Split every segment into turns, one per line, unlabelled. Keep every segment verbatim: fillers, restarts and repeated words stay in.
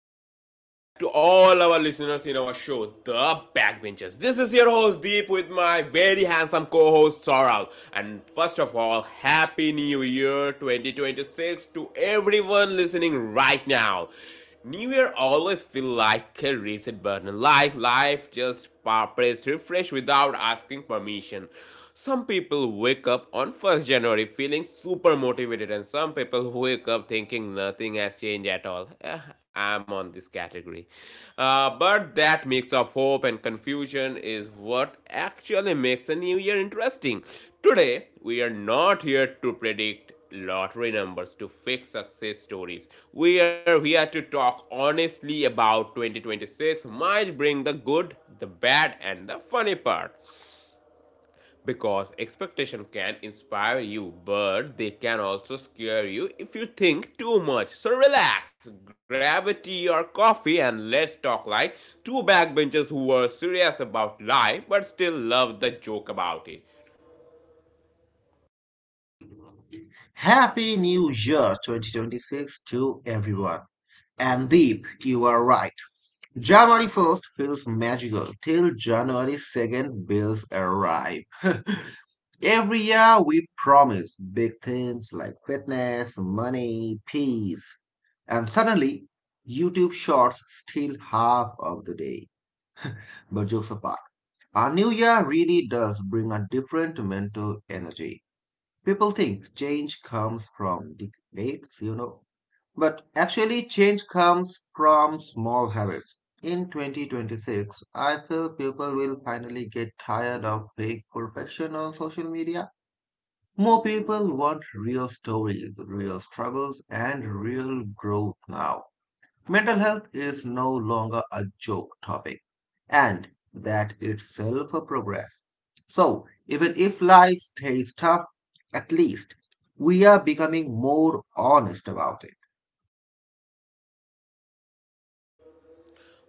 and welcome back to all our listeners in our show, The Backbenchers. This is your host Deep with my very handsome co-host Saurav. And first of all, happy New Year twenty twenty-six to everyone listening right now. New Year always feel like a reset button, like life just pa- pressed refresh without asking permission. Some people wake up on first January feeling super motivated, and some people wake up thinking nothing has changed at all. Eh, I'm on this category. Uh, but that mix of hope and confusion is what actually makes a new year interesting. Today, we are not here to predict lottery numbers to fix success stories. We are here to talk honestly about twenty twenty-six, might bring the good, the bad, and the funny part because expectation can inspire you but they can also scare you if you think too much. So relax, grab a tea or coffee, and let's talk like two backbenchers who were serious about life but still love the joke about it.
Happy New Year twenty twenty-six to everyone. And Deep, you are right. January first feels magical till January second bills arrive. Every year we promise big things like fitness, money, peace. And suddenly, YouTube Shorts steal half of the day. But jokes apart, our new year really does bring a different mental energy. People think change comes from big waves, you know, but actually, change comes from small habits. In twenty twenty-six, I feel people will finally get tired of fake perfection on social media. More people want real stories, real struggles, and real growth now. Mental health is no longer a joke topic, and that itself a progress. So, even if life stays tough, at least we are becoming more honest about it.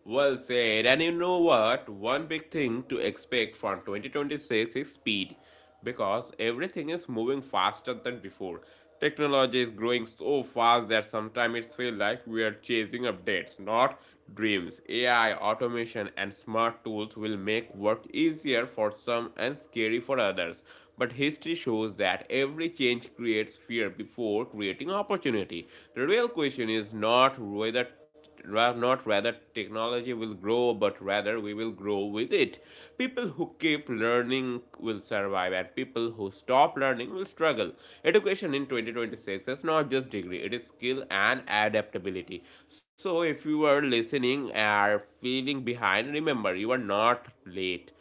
Well said. And you know what? One big thing to expect from twenty twenty-six is speed because everything is moving faster than before. Technology is growing so fast that sometimes it feels like we are chasing updates, not dreams. A I, automation, and smart tools will make work easier for some and scary for others. But history shows that every change creates fear before creating opportunity. The real question is not whether not rather technology will grow but rather we will grow with it. People who keep learning will survive, and people who stop learning will struggle. Education in twenty twenty-six is not just degree, it is skill and adaptability. So if you are listening and feeling behind, remember you are not late,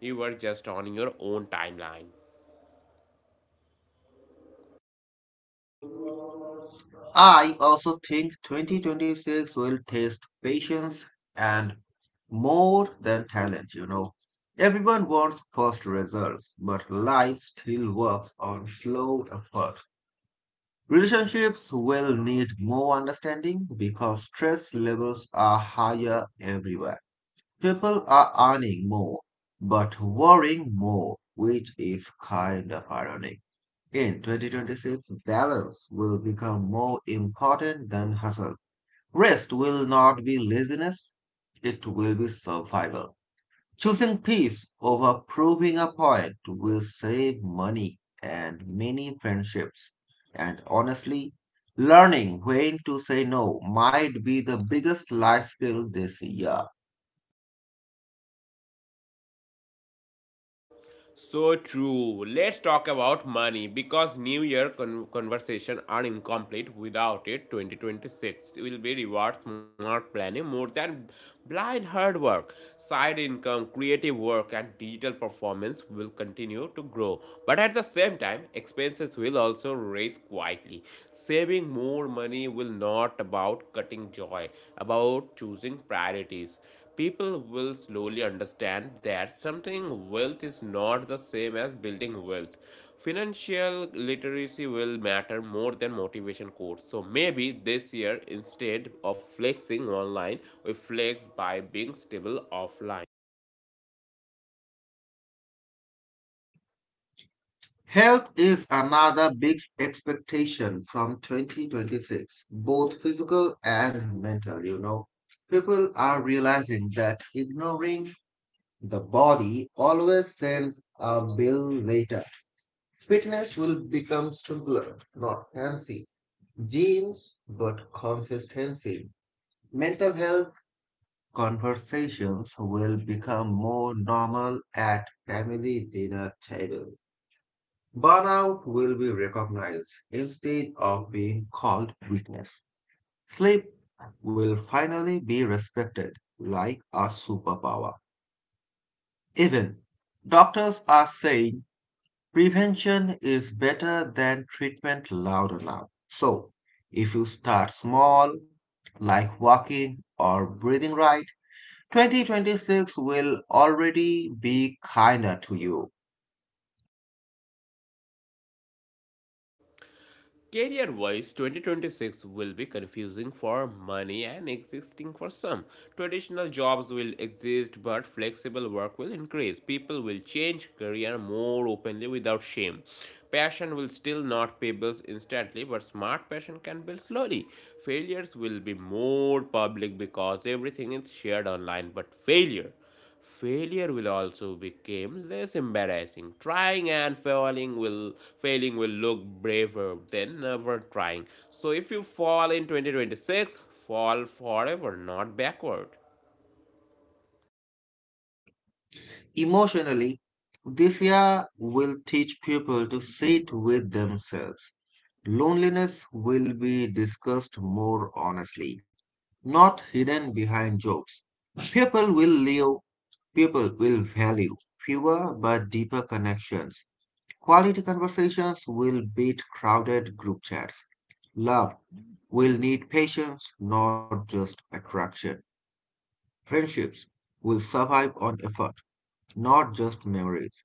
you are just on your own timeline.
I also think twenty twenty-six will test patience and more than talent, you know. Everyone wants fast results, but life still works on slow effort. Relationships will need more understanding because stress levels are higher everywhere. People are earning more, but worrying more, which is kind of ironic. In twenty twenty-six, balance will become more important than hustle. Rest will not be laziness, it will be survival. Choosing peace over proving a point will save money and many friendships. And honestly, learning when to say no might be the biggest life skill this year.
So true. Let's talk about money because New Year con- conversation are incomplete without it. twenty twenty-six will be reward smart planning more than blind hard work. Side income, creative work, and digital performance will continue to grow. But at the same time, expenses will also rise quietly. Saving more money will not about cutting joy, about choosing priorities. People will slowly understand that something wealth is not the same as building wealth. Financial literacy will matter more than motivation quotes. So maybe this year, instead of flexing online, we flex by being stable offline.
Health is another big expectation from twenty twenty-six, both physical and mental, you know. People are realizing that ignoring the body always sends a bill later. Fitness will become simpler, not fancy. Gyms, but consistency. Mental health conversations will become more normal at family dinner table. Burnout will be recognized instead of being called weakness. Sleep will finally be respected like a superpower. Even doctors are saying prevention is better than treatment loud and loud. So, if you start small, like walking or breathing right, twenty twenty-six will already be kinder to you.
Career wise, twenty twenty-six will be confusing for many and existing for some. Traditional jobs will exist, but flexible work will increase. People will change career more openly without shame. Passion will still not pay bills instantly, but smart passion can build slowly. Failures will be more public because everything is shared online, but failure Failure will also become less embarrassing. Trying and failing will failing will look braver than never trying. So if you fall in twenty twenty-six, fall forever, not backward.
Emotionally, this year will teach people to sit with themselves. Loneliness will be discussed more honestly, not hidden behind jokes. People will live People will value fewer but deeper connections. Quality conversations will beat crowded group chats. Love will need patience, not just attraction. Friendships will survive on effort, not just memories.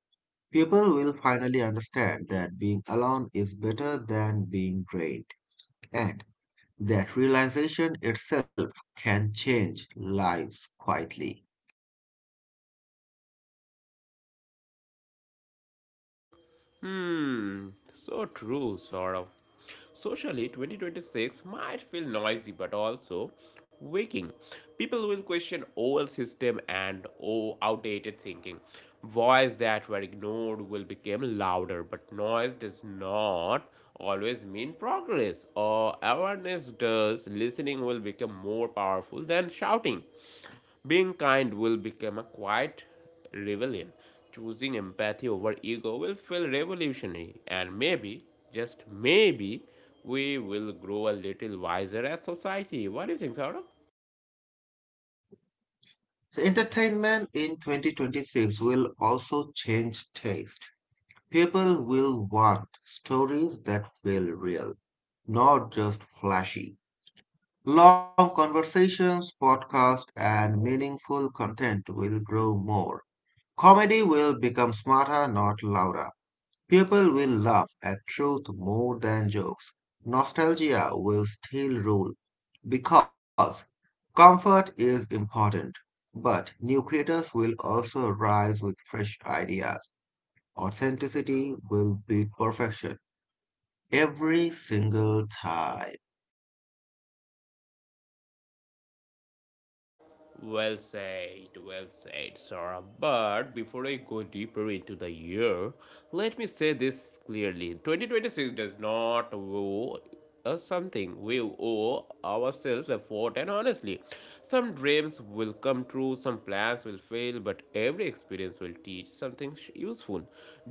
People will finally understand that being alone is better than being drained, and that realization itself can change lives quietly.
Hmm, so true, sort of. Socially, twenty twenty-six might feel noisy but also waking. People will question old system and oh, outdated thinking. Voices that were ignored will become louder, but noise does not always mean progress. Or awareness does. Listening will become more powerful than shouting. Being kind will become a quiet rebellion. Choosing empathy over ego will feel revolutionary, and maybe, just maybe, we will grow a little wiser as society. What do you think, Saurabh?
So entertainment in twenty twenty-six will also change taste. People will want stories that feel real, not just flashy. Long conversations, podcasts, and meaningful content will grow more. Comedy will become smarter, not louder. People will laugh at truth more than jokes. Nostalgia will still rule because comfort is important. But new creators will also rise with fresh ideas. Authenticity will beat perfection every single time.
Well said, well said, Sarah. But before I go deeper into the year, let me say this clearly. twenty twenty-six does not owe us something. We owe ourselves effort, and honestly, some dreams will come true, some plans will fail, but every experience will teach something useful.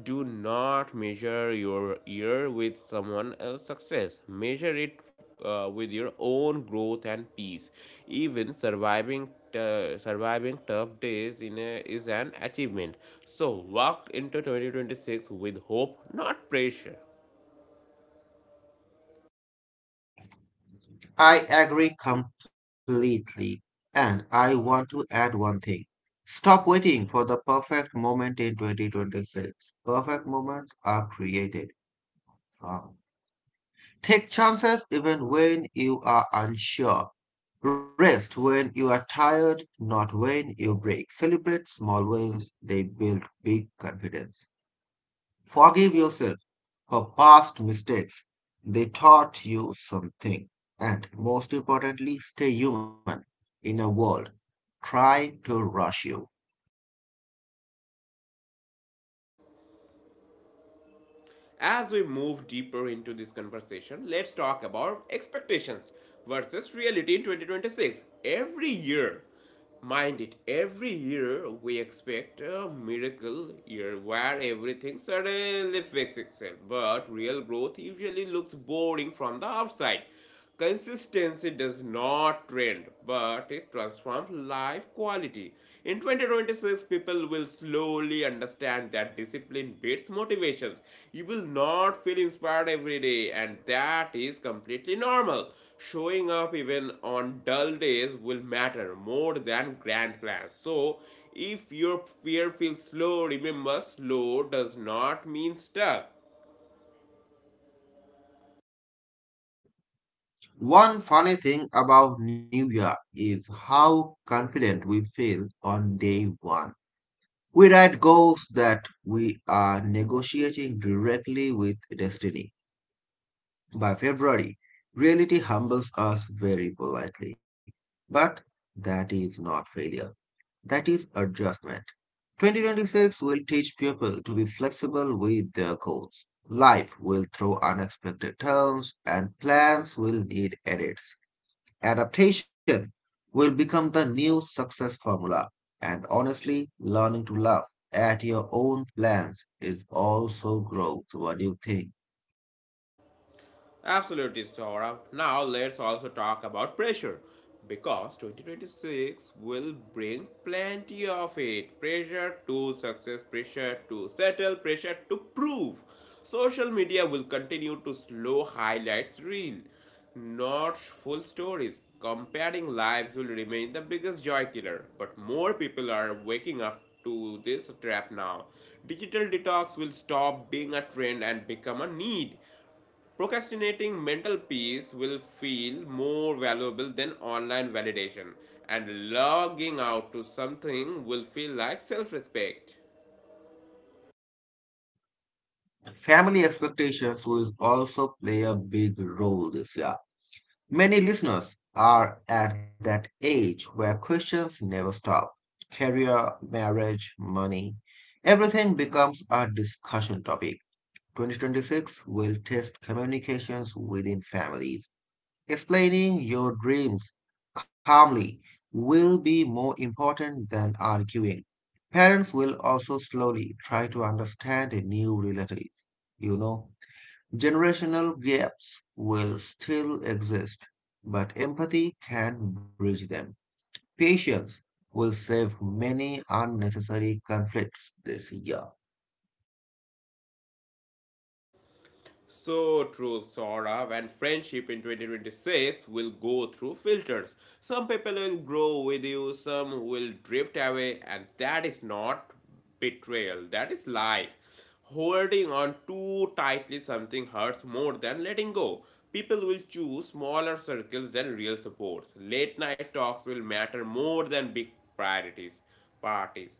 Do not measure your year with someone else's success, measure it uh, with your own growth and peace. Even surviving t- surviving tough days in a, is an achievement. So walk into twenty twenty-six with hope, not pressure.
I agree completely. And I want to add one thing. Stop waiting for the perfect moment in twenty twenty-six. Perfect moments are created. Wow. Take chances even when you are unsure. Rest when you are tired, not when you break. Celebrate small wins, they build big confidence. Forgive yourself for past mistakes, they taught you something. And most importantly, stay human in a world trying to rush you.
As we move deeper into this conversation, let's talk about expectations versus reality in twenty twenty-six. Every year, mind it, every year we expect a miracle year where everything suddenly fixes itself. But real growth usually looks boring from the outside. Consistency does not trend, but it transforms life quality. In twenty twenty-six, people will slowly understand that discipline beats motivations. You will not feel inspired every day, and that is completely normal. Showing up even on dull days will matter more than grand plans. So, if your fear feels slow, remember slow does not mean stuck.
One funny thing about New Year is how confident we feel on day one. We write goals that we are negotiating directly with destiny. By February, reality humbles us very politely. But that is not failure, that is adjustment. twenty twenty-six will teach people to be flexible with their goals. Life will throw unexpected turns, and plans will need edits. Adaptation will become the new success formula. And honestly, learning to laugh at your own plans is also growth. What do you think?
Absolutely, Saurabh. Now let's also talk about pressure because twenty twenty-six will bring plenty of it pressure to success, pressure to settle, pressure to prove. Social media will continue to slow highlights reel, not full stories. Comparing lives will remain the biggest joy killer, but more people are waking up to this trap now. Digital detox will stop being a trend and become a need. Procrastinating mental peace will feel more valuable than online validation, and logging out to something will feel like self respect.
Family expectations will also play a big role this year. Many listeners are at that age where questions never stop. Career, marriage, money, everything becomes a discussion topic. twenty twenty-six will test communications within families. Explaining your dreams calmly will be more important than arguing. Parents will also slowly try to understand the new realities. You know, generational gaps will still exist, but empathy can bridge them. Patience will save many unnecessary conflicts this year.
So true, Saurav, and friendship in twenty twenty-six will go through filters. Some people will grow with you, some will drift away, and that is not betrayal, that is life. Holding on too tightly something hurts more than letting go. People will choose smaller circles than real supports. Late night talks will matter more than big priorities, parties.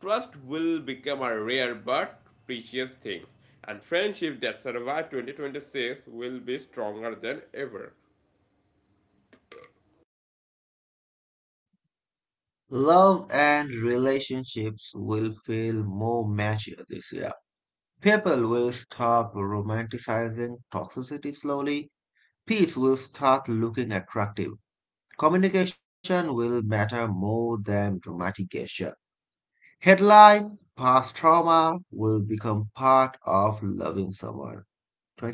Trust will become a rare but precious thing, and friendship that survive twenty twenty-six will be stronger than ever.
Love and relationships will feel more mature this year. People will stop romanticizing toxicity slowly. Peace will start looking attractive. Communication will matter more than dramatic gesture. Headline past trauma will become part of loving someone.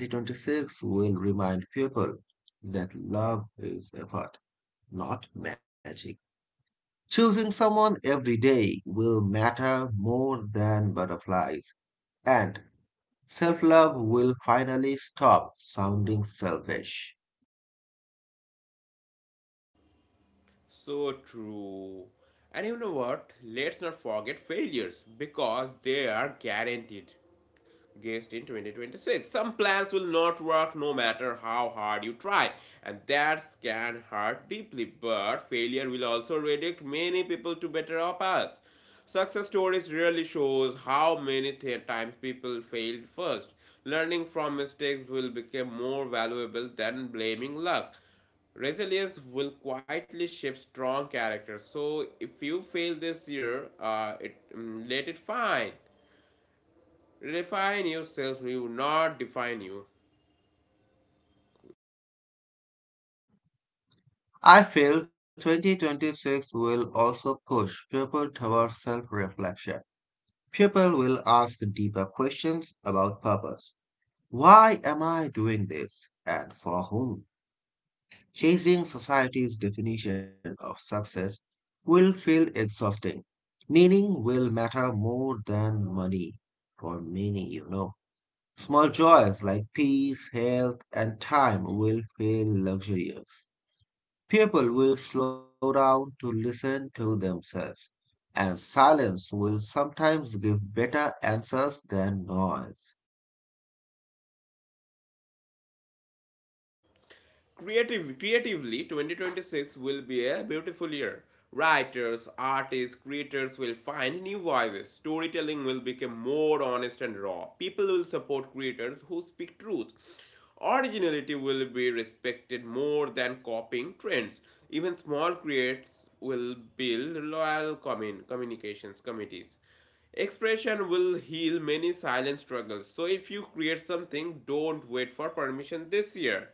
twenty twenty-six will remind people that love is effort, not magic. Choosing someone every day will matter more than butterflies. And self love will finally stop sounding selfish.
So true. And you know what? Let's not forget failures because they are guaranteed. Guest in twenty twenty-six. Some plans will not work no matter how hard you try, and that can hurt deeply. But failure will also redirect many people to better paths. Success stories really shows how many times people failed first. Learning from mistakes will become more valuable than blaming luck. Resilience will quietly shape strong character. So if you fail this year, uh, it mm, let it fine. Refine yourself, we will not define you.
I feel twenty twenty-six will also push people towards self reflection. People will ask deeper questions about purpose. Why am I doing this and for whom? Chasing society's definition of success will feel exhausting. Meaning will matter more than money for many, you know. Small joys like peace, health, and time will feel luxurious. People will slow down to listen to themselves, and silence will sometimes give better answers than noise.
Creative, creatively, twenty twenty-six will be a beautiful year. Writers, artists, creators will find new voices. Storytelling will become more honest and raw. People will support creators who speak truth. Originality will be respected more than copying trends. Even small creators will build loyal commun- communications committees. Expression will heal many silent struggles. So if you create something, don't wait for permission this year.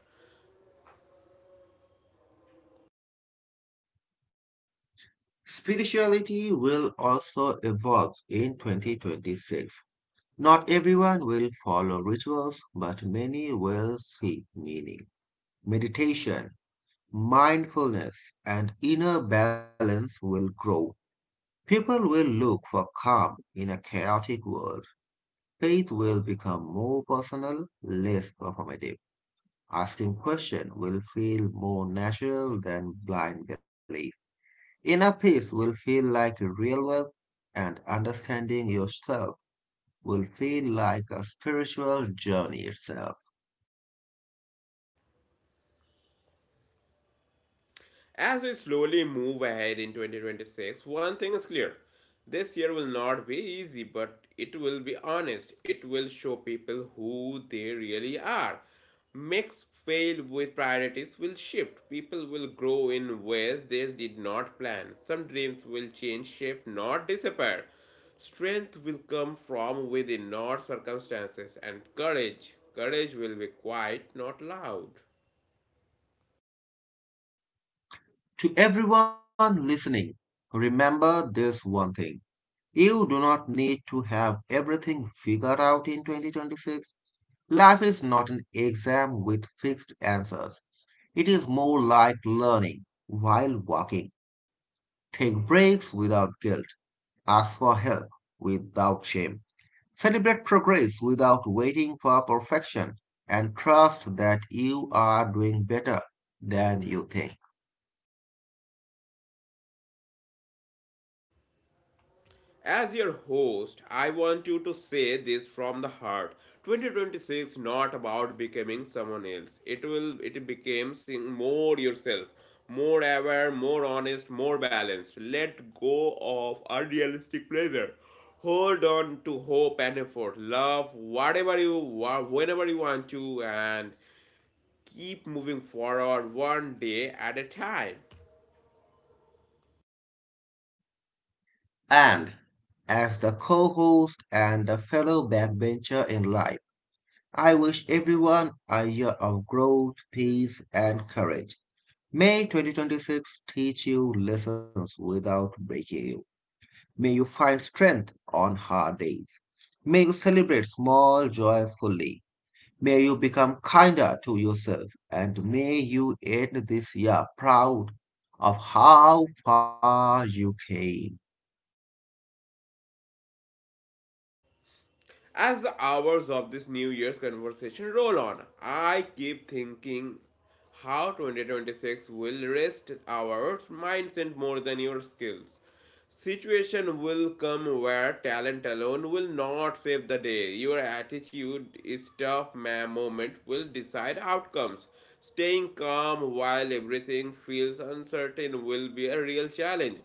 Spirituality will also evolve in twenty twenty-six. Not everyone will follow rituals, but many will seek meaning. Meditation, mindfulness, and inner balance will grow. People will look for calm in a chaotic world. Faith will become more personal, less performative. Asking questions will feel more natural than blind belief. Inner peace will feel like real wealth, and understanding yourself will feel like a spiritual journey itself.
As we slowly move ahead in twenty twenty-six, one thing is clear. This year will not be easy, but it will be honest. It will show people who they really are. Mix failed with priorities will shift. People will grow in ways they did not plan. Some dreams will change shape, not disappear. Strength will come from within, not circumstances. And courage. Courage will be quiet, not loud.
To everyone listening, remember this one thing. You do not need to have everything figured out in twenty twenty-six. Life is not an exam with fixed answers. It is more like learning while walking. Take breaks without guilt. Ask for help without shame. Celebrate progress without waiting for perfection. And trust that you are doing better than you think.
As your host, I want you to say this from the heart. twenty twenty-six not about becoming someone else. It will it becomes more yourself, more aware, more honest, more balanced. Let go of unrealistic pleasure. Hold on to hope and effort. Love whatever you want, whenever you want to, and keep moving forward one day at a time.
And as the co host and the fellow backbencher in life, I wish everyone a year of growth, peace, and courage. May twenty twenty-six teach you lessons without breaking you. May you find strength on hard days. May you celebrate small joys fully. May you become kinder to yourself. And may you end this year proud of how far you came.
As the hours of this New Year's conversation roll on, I keep thinking how twenty twenty-six will rest our mindset more than your skills. Situation will come where talent alone will not save the day. Your attitude, stuff, ma- moment will decide outcomes. Staying calm while everything feels uncertain will be a real challenge.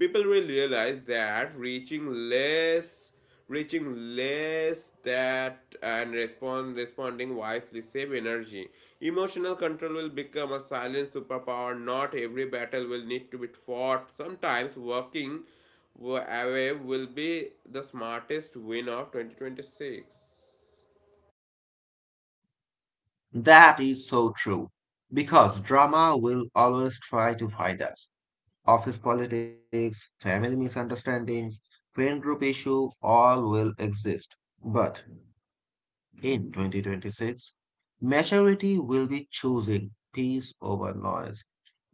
People will realize that reaching less reaching less that and respond responding wisely save energy. Emotional control will become a silent superpower. Not every battle will need to be fought, sometimes working away will be the smartest win of twenty twenty-six.
That is so true. Because drama will always try to find us. Office politics, family misunderstandings, friend group issue, all will exist. But in twenty twenty-six, maturity will be choosing peace over noise.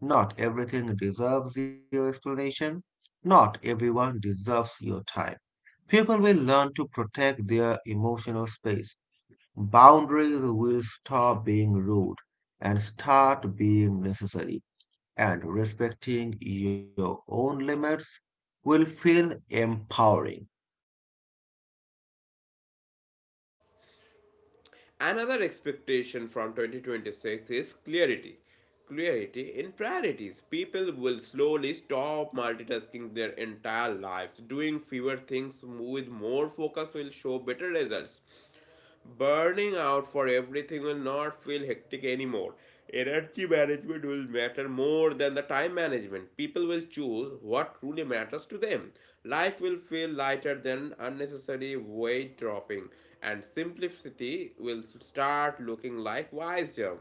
Not everything deserves your explanation. Not everyone deserves your time. People will learn to protect their emotional space. Boundaries will stop being rude and start being necessary. And respecting your own limits will feel empowering.
Another expectation from twenty twenty-six is clarity. Clarity in priorities. People will slowly stop multitasking their entire lives. Doing fewer things with more focus will show better results. Burning out for everything will not feel hectic anymore. Energy management will matter more than the time management. People will choose what truly matters to them. Life will feel lighter than unnecessary weight dropping, and simplicity will start looking like wisdom.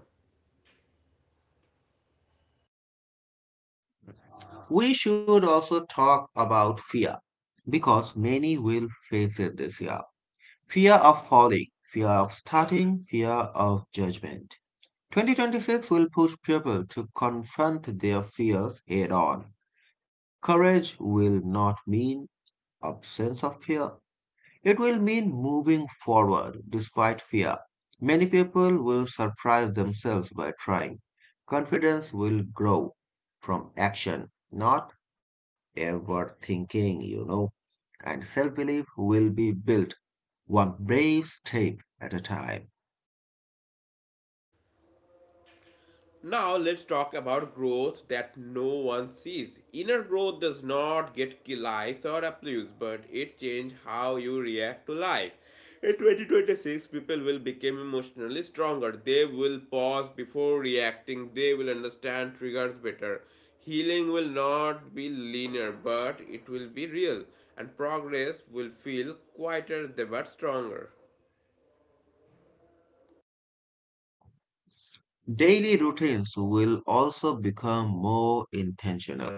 We should also talk about fear because many will face it this year. Fear of falling, fear of starting, fear of judgment. twenty twenty-six will push people to confront their fears head on. Courage will not mean absence of fear. It will mean moving forward despite fear. Many people will surprise themselves by trying. Confidence will grow from action, not ever thinking, you know and self belief will be built one brave step at a time.
Now let's talk about growth that no one sees. Inner growth does not get ki- likes or applause, but it changes how you react to life. In twenty twenty-six, people will become emotionally stronger. They will pause before reacting. They will understand triggers better. Healing will not be linear, but it will be real, and progress will feel quieter but stronger.
Daily routines will also become more intentional.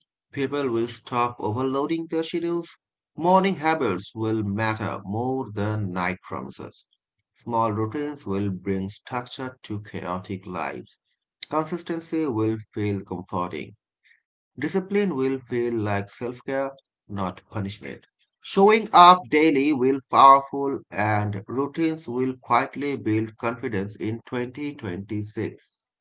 People will stop overloading their schedules. Morning habits will matter more than night promises. Small routines will bring structure to chaotic lives. Consistency will feel comforting. Discipline will feel like self care, not punishment. Showing up daily will powerful and routines will quietly build confidence in twenty twenty-six.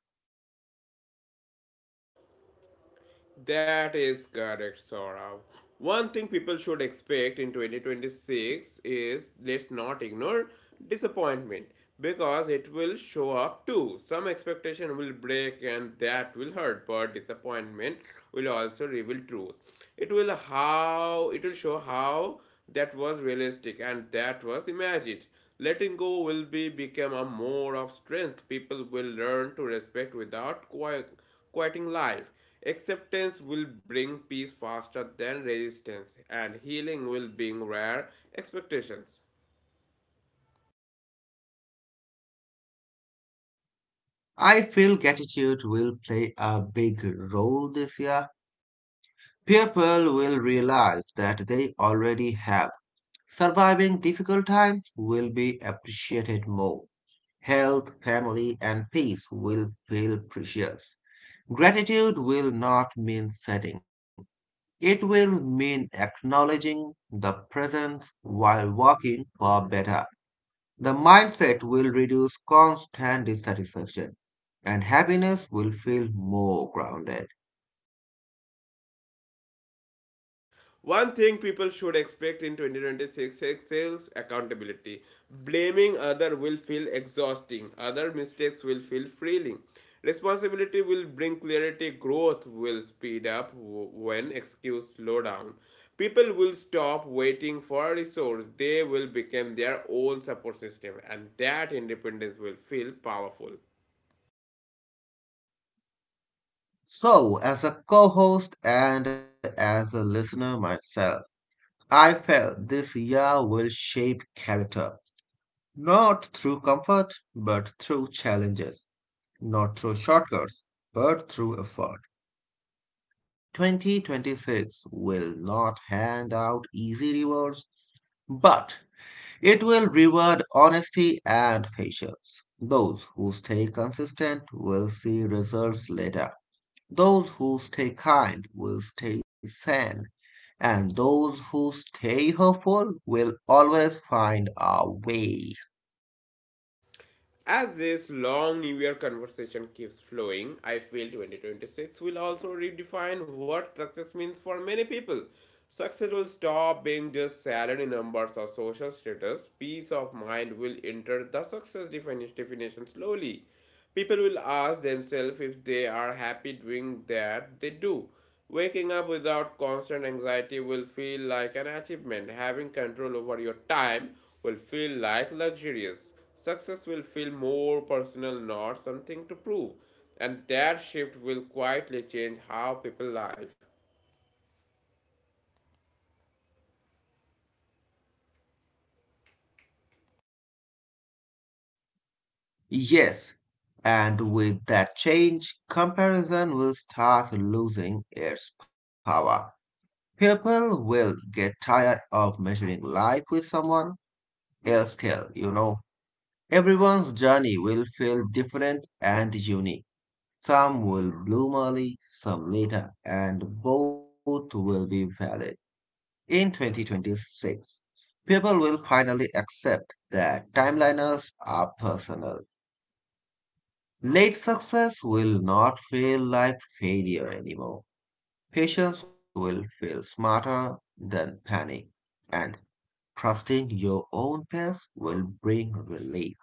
That is correct, Saurav. One thing people should expect in twenty twenty-six is let's not ignore disappointment because it will show up too. Some expectation will break and that will hurt, but disappointment will also reveal truth. It will how it will show how that was realistic and that was imagined. Letting go will be become a more of strength. People will learn to respect without qui- quieting life. Acceptance will bring peace faster than resistance, and healing will bring rare expectations.
I feel gratitude will play a big role this year. People will realize that they already have. Surviving difficult times will be appreciated more. Health, family, and peace will feel precious. Gratitude will not mean setting. It will mean acknowledging the presence while working for better. The mindset will reduce constant dissatisfaction and happiness will feel more grounded.
One thing people should expect in twenty twenty-six is sales accountability. Blaming other will feel exhausting. Other mistakes will feel freeing. Responsibility will bring clarity. Growth will speed up when excuse slow down. People will stop waiting for a resource. They will become their own support system, and that independence will feel powerful.
So, as a co host and as a listener myself, I felt this year will shape character, not through comfort, but through challenges, not through shortcuts, but through effort. twenty twenty-six will not hand out easy rewards, but it will reward honesty and patience. Those who stay consistent will see results later. Those who stay kind will stay sane. And those who stay hopeful will always find a way.
As this long New Year conversation keeps flowing, I feel twenty twenty-six will also redefine what success means for many people. Success will stop being just salary numbers or social status. Peace of mind will enter the success definition slowly. People will ask themselves if they are happy doing that they do. Waking up without constant anxiety will feel like an achievement. Having control over your time will feel like luxurious. Success will feel more personal, not something to prove. And that shift will quietly change how people live.
Yes, and with that change, comparison will start losing its power. People will get tired of measuring life with someone else's scale, you know. Everyone's journey will feel different and unique. Some will bloom early, some later, and both will be valid. In twenty twenty-six, people will finally accept that timeliners are personal. Late success will not feel like failure anymore. Patience will feel smarter than panic and trusting your own pace will bring relief.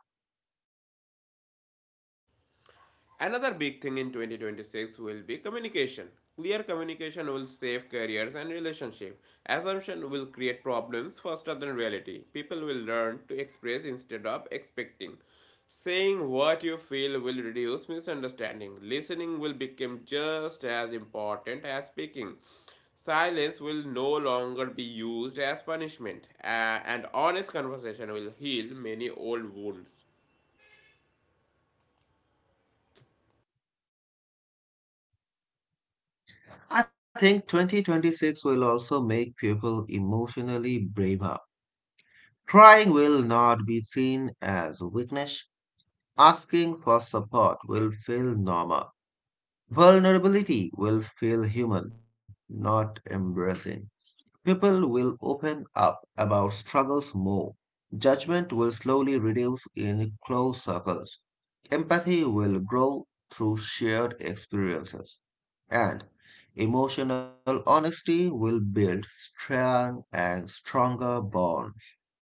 Another big thing in twenty twenty-six will be communication. Clear communication will save careers and relationships. Assumption will create problems faster than reality. People will learn to express instead of expecting. Saying what you feel will reduce misunderstanding. Listening will become just as important as speaking. Silence will no longer be used as punishment, a- and honest conversation will heal many old wounds.
I think twenty twenty-six will also make people emotionally braver. Crying will not be seen as weakness. Asking for support will feel normal. Vulnerability will feel human, not embarrassing. People will open up about struggles more. Judgment will slowly reduce in close circles. Empathy will grow through shared experiences. And emotional honesty will build strong and stronger bonds.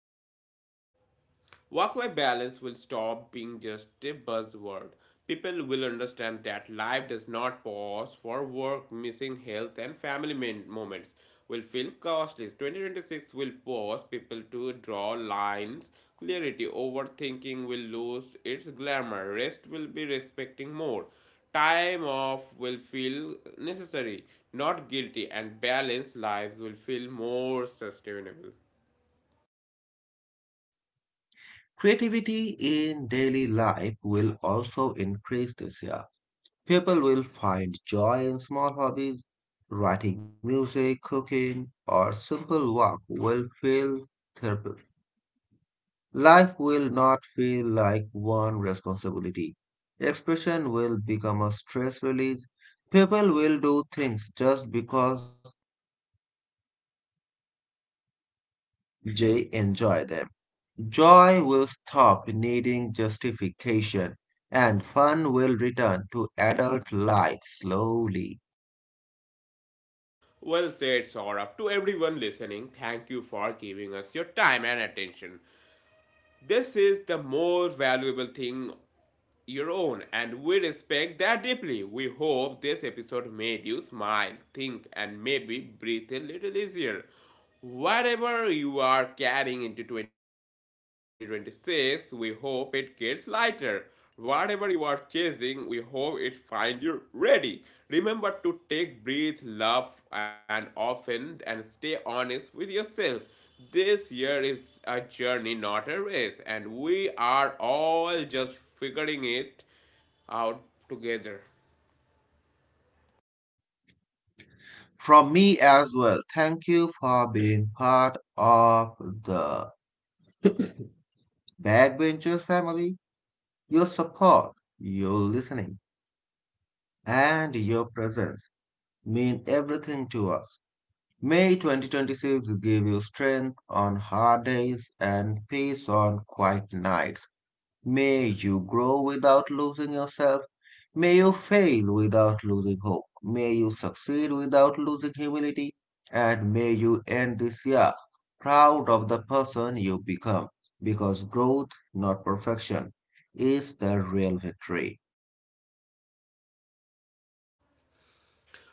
Work life balance will stop being just a buzzword. People will understand that life does not pause for work, missing health, and family moments will feel costly. twenty twenty-six will force people to draw lines. Clarity, overthinking will lose its glamour. Rest will be respecting more. Time off will feel necessary, not guilty, and balanced lives will feel more sustainable.
Creativity in daily life will also increase this year. People will find joy in small hobbies. Writing music, cooking, or simple work will feel therapeutic. Life will not feel like one responsibility. Expression will become a stress release. People will do things just because they enjoy them. Joy will stop needing justification, and fun will return to adult life slowly.
Well said, Saurabh. To everyone listening, thank you for giving us your time and attention. This is the most valuable thing your own, and we respect that deeply. We hope this episode made you smile, think, and maybe breathe a little easier. Whatever you are carrying into twenty twenty-six, we hope it gets lighter. Whatever you are chasing, we hope it finds you ready. Remember to take breath, love, and often, and stay honest with yourself. This year is a journey, not a race, and we are all just figuring it out together.
From me as well, thank you for being part of the Backbenchers family. Your support, your listening, and your presence mean everything to us. May twenty twenty-six give you strength on hard days and peace on quiet nights. May you grow without losing yourself. May you fail without losing hope. May you succeed without losing humility. And may you end this year proud of the person you become. Because growth, not perfection, is the real victory.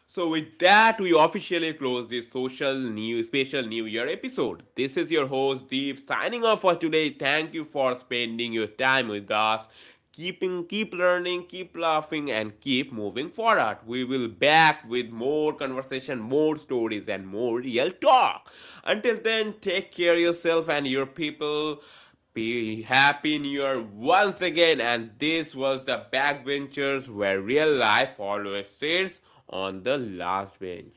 So with that, we officially close this social new special New Year episode. This is your host Deep signing off for today. Thank you for spending your time with us. Keeping, keep learning, keep laughing, and keep moving forward. We will back with more conversation, more stories, and more real talk. Until then, take care of yourself and your people. Be happy new year once again, and this was the backbenchers where real life always sits on the last bench.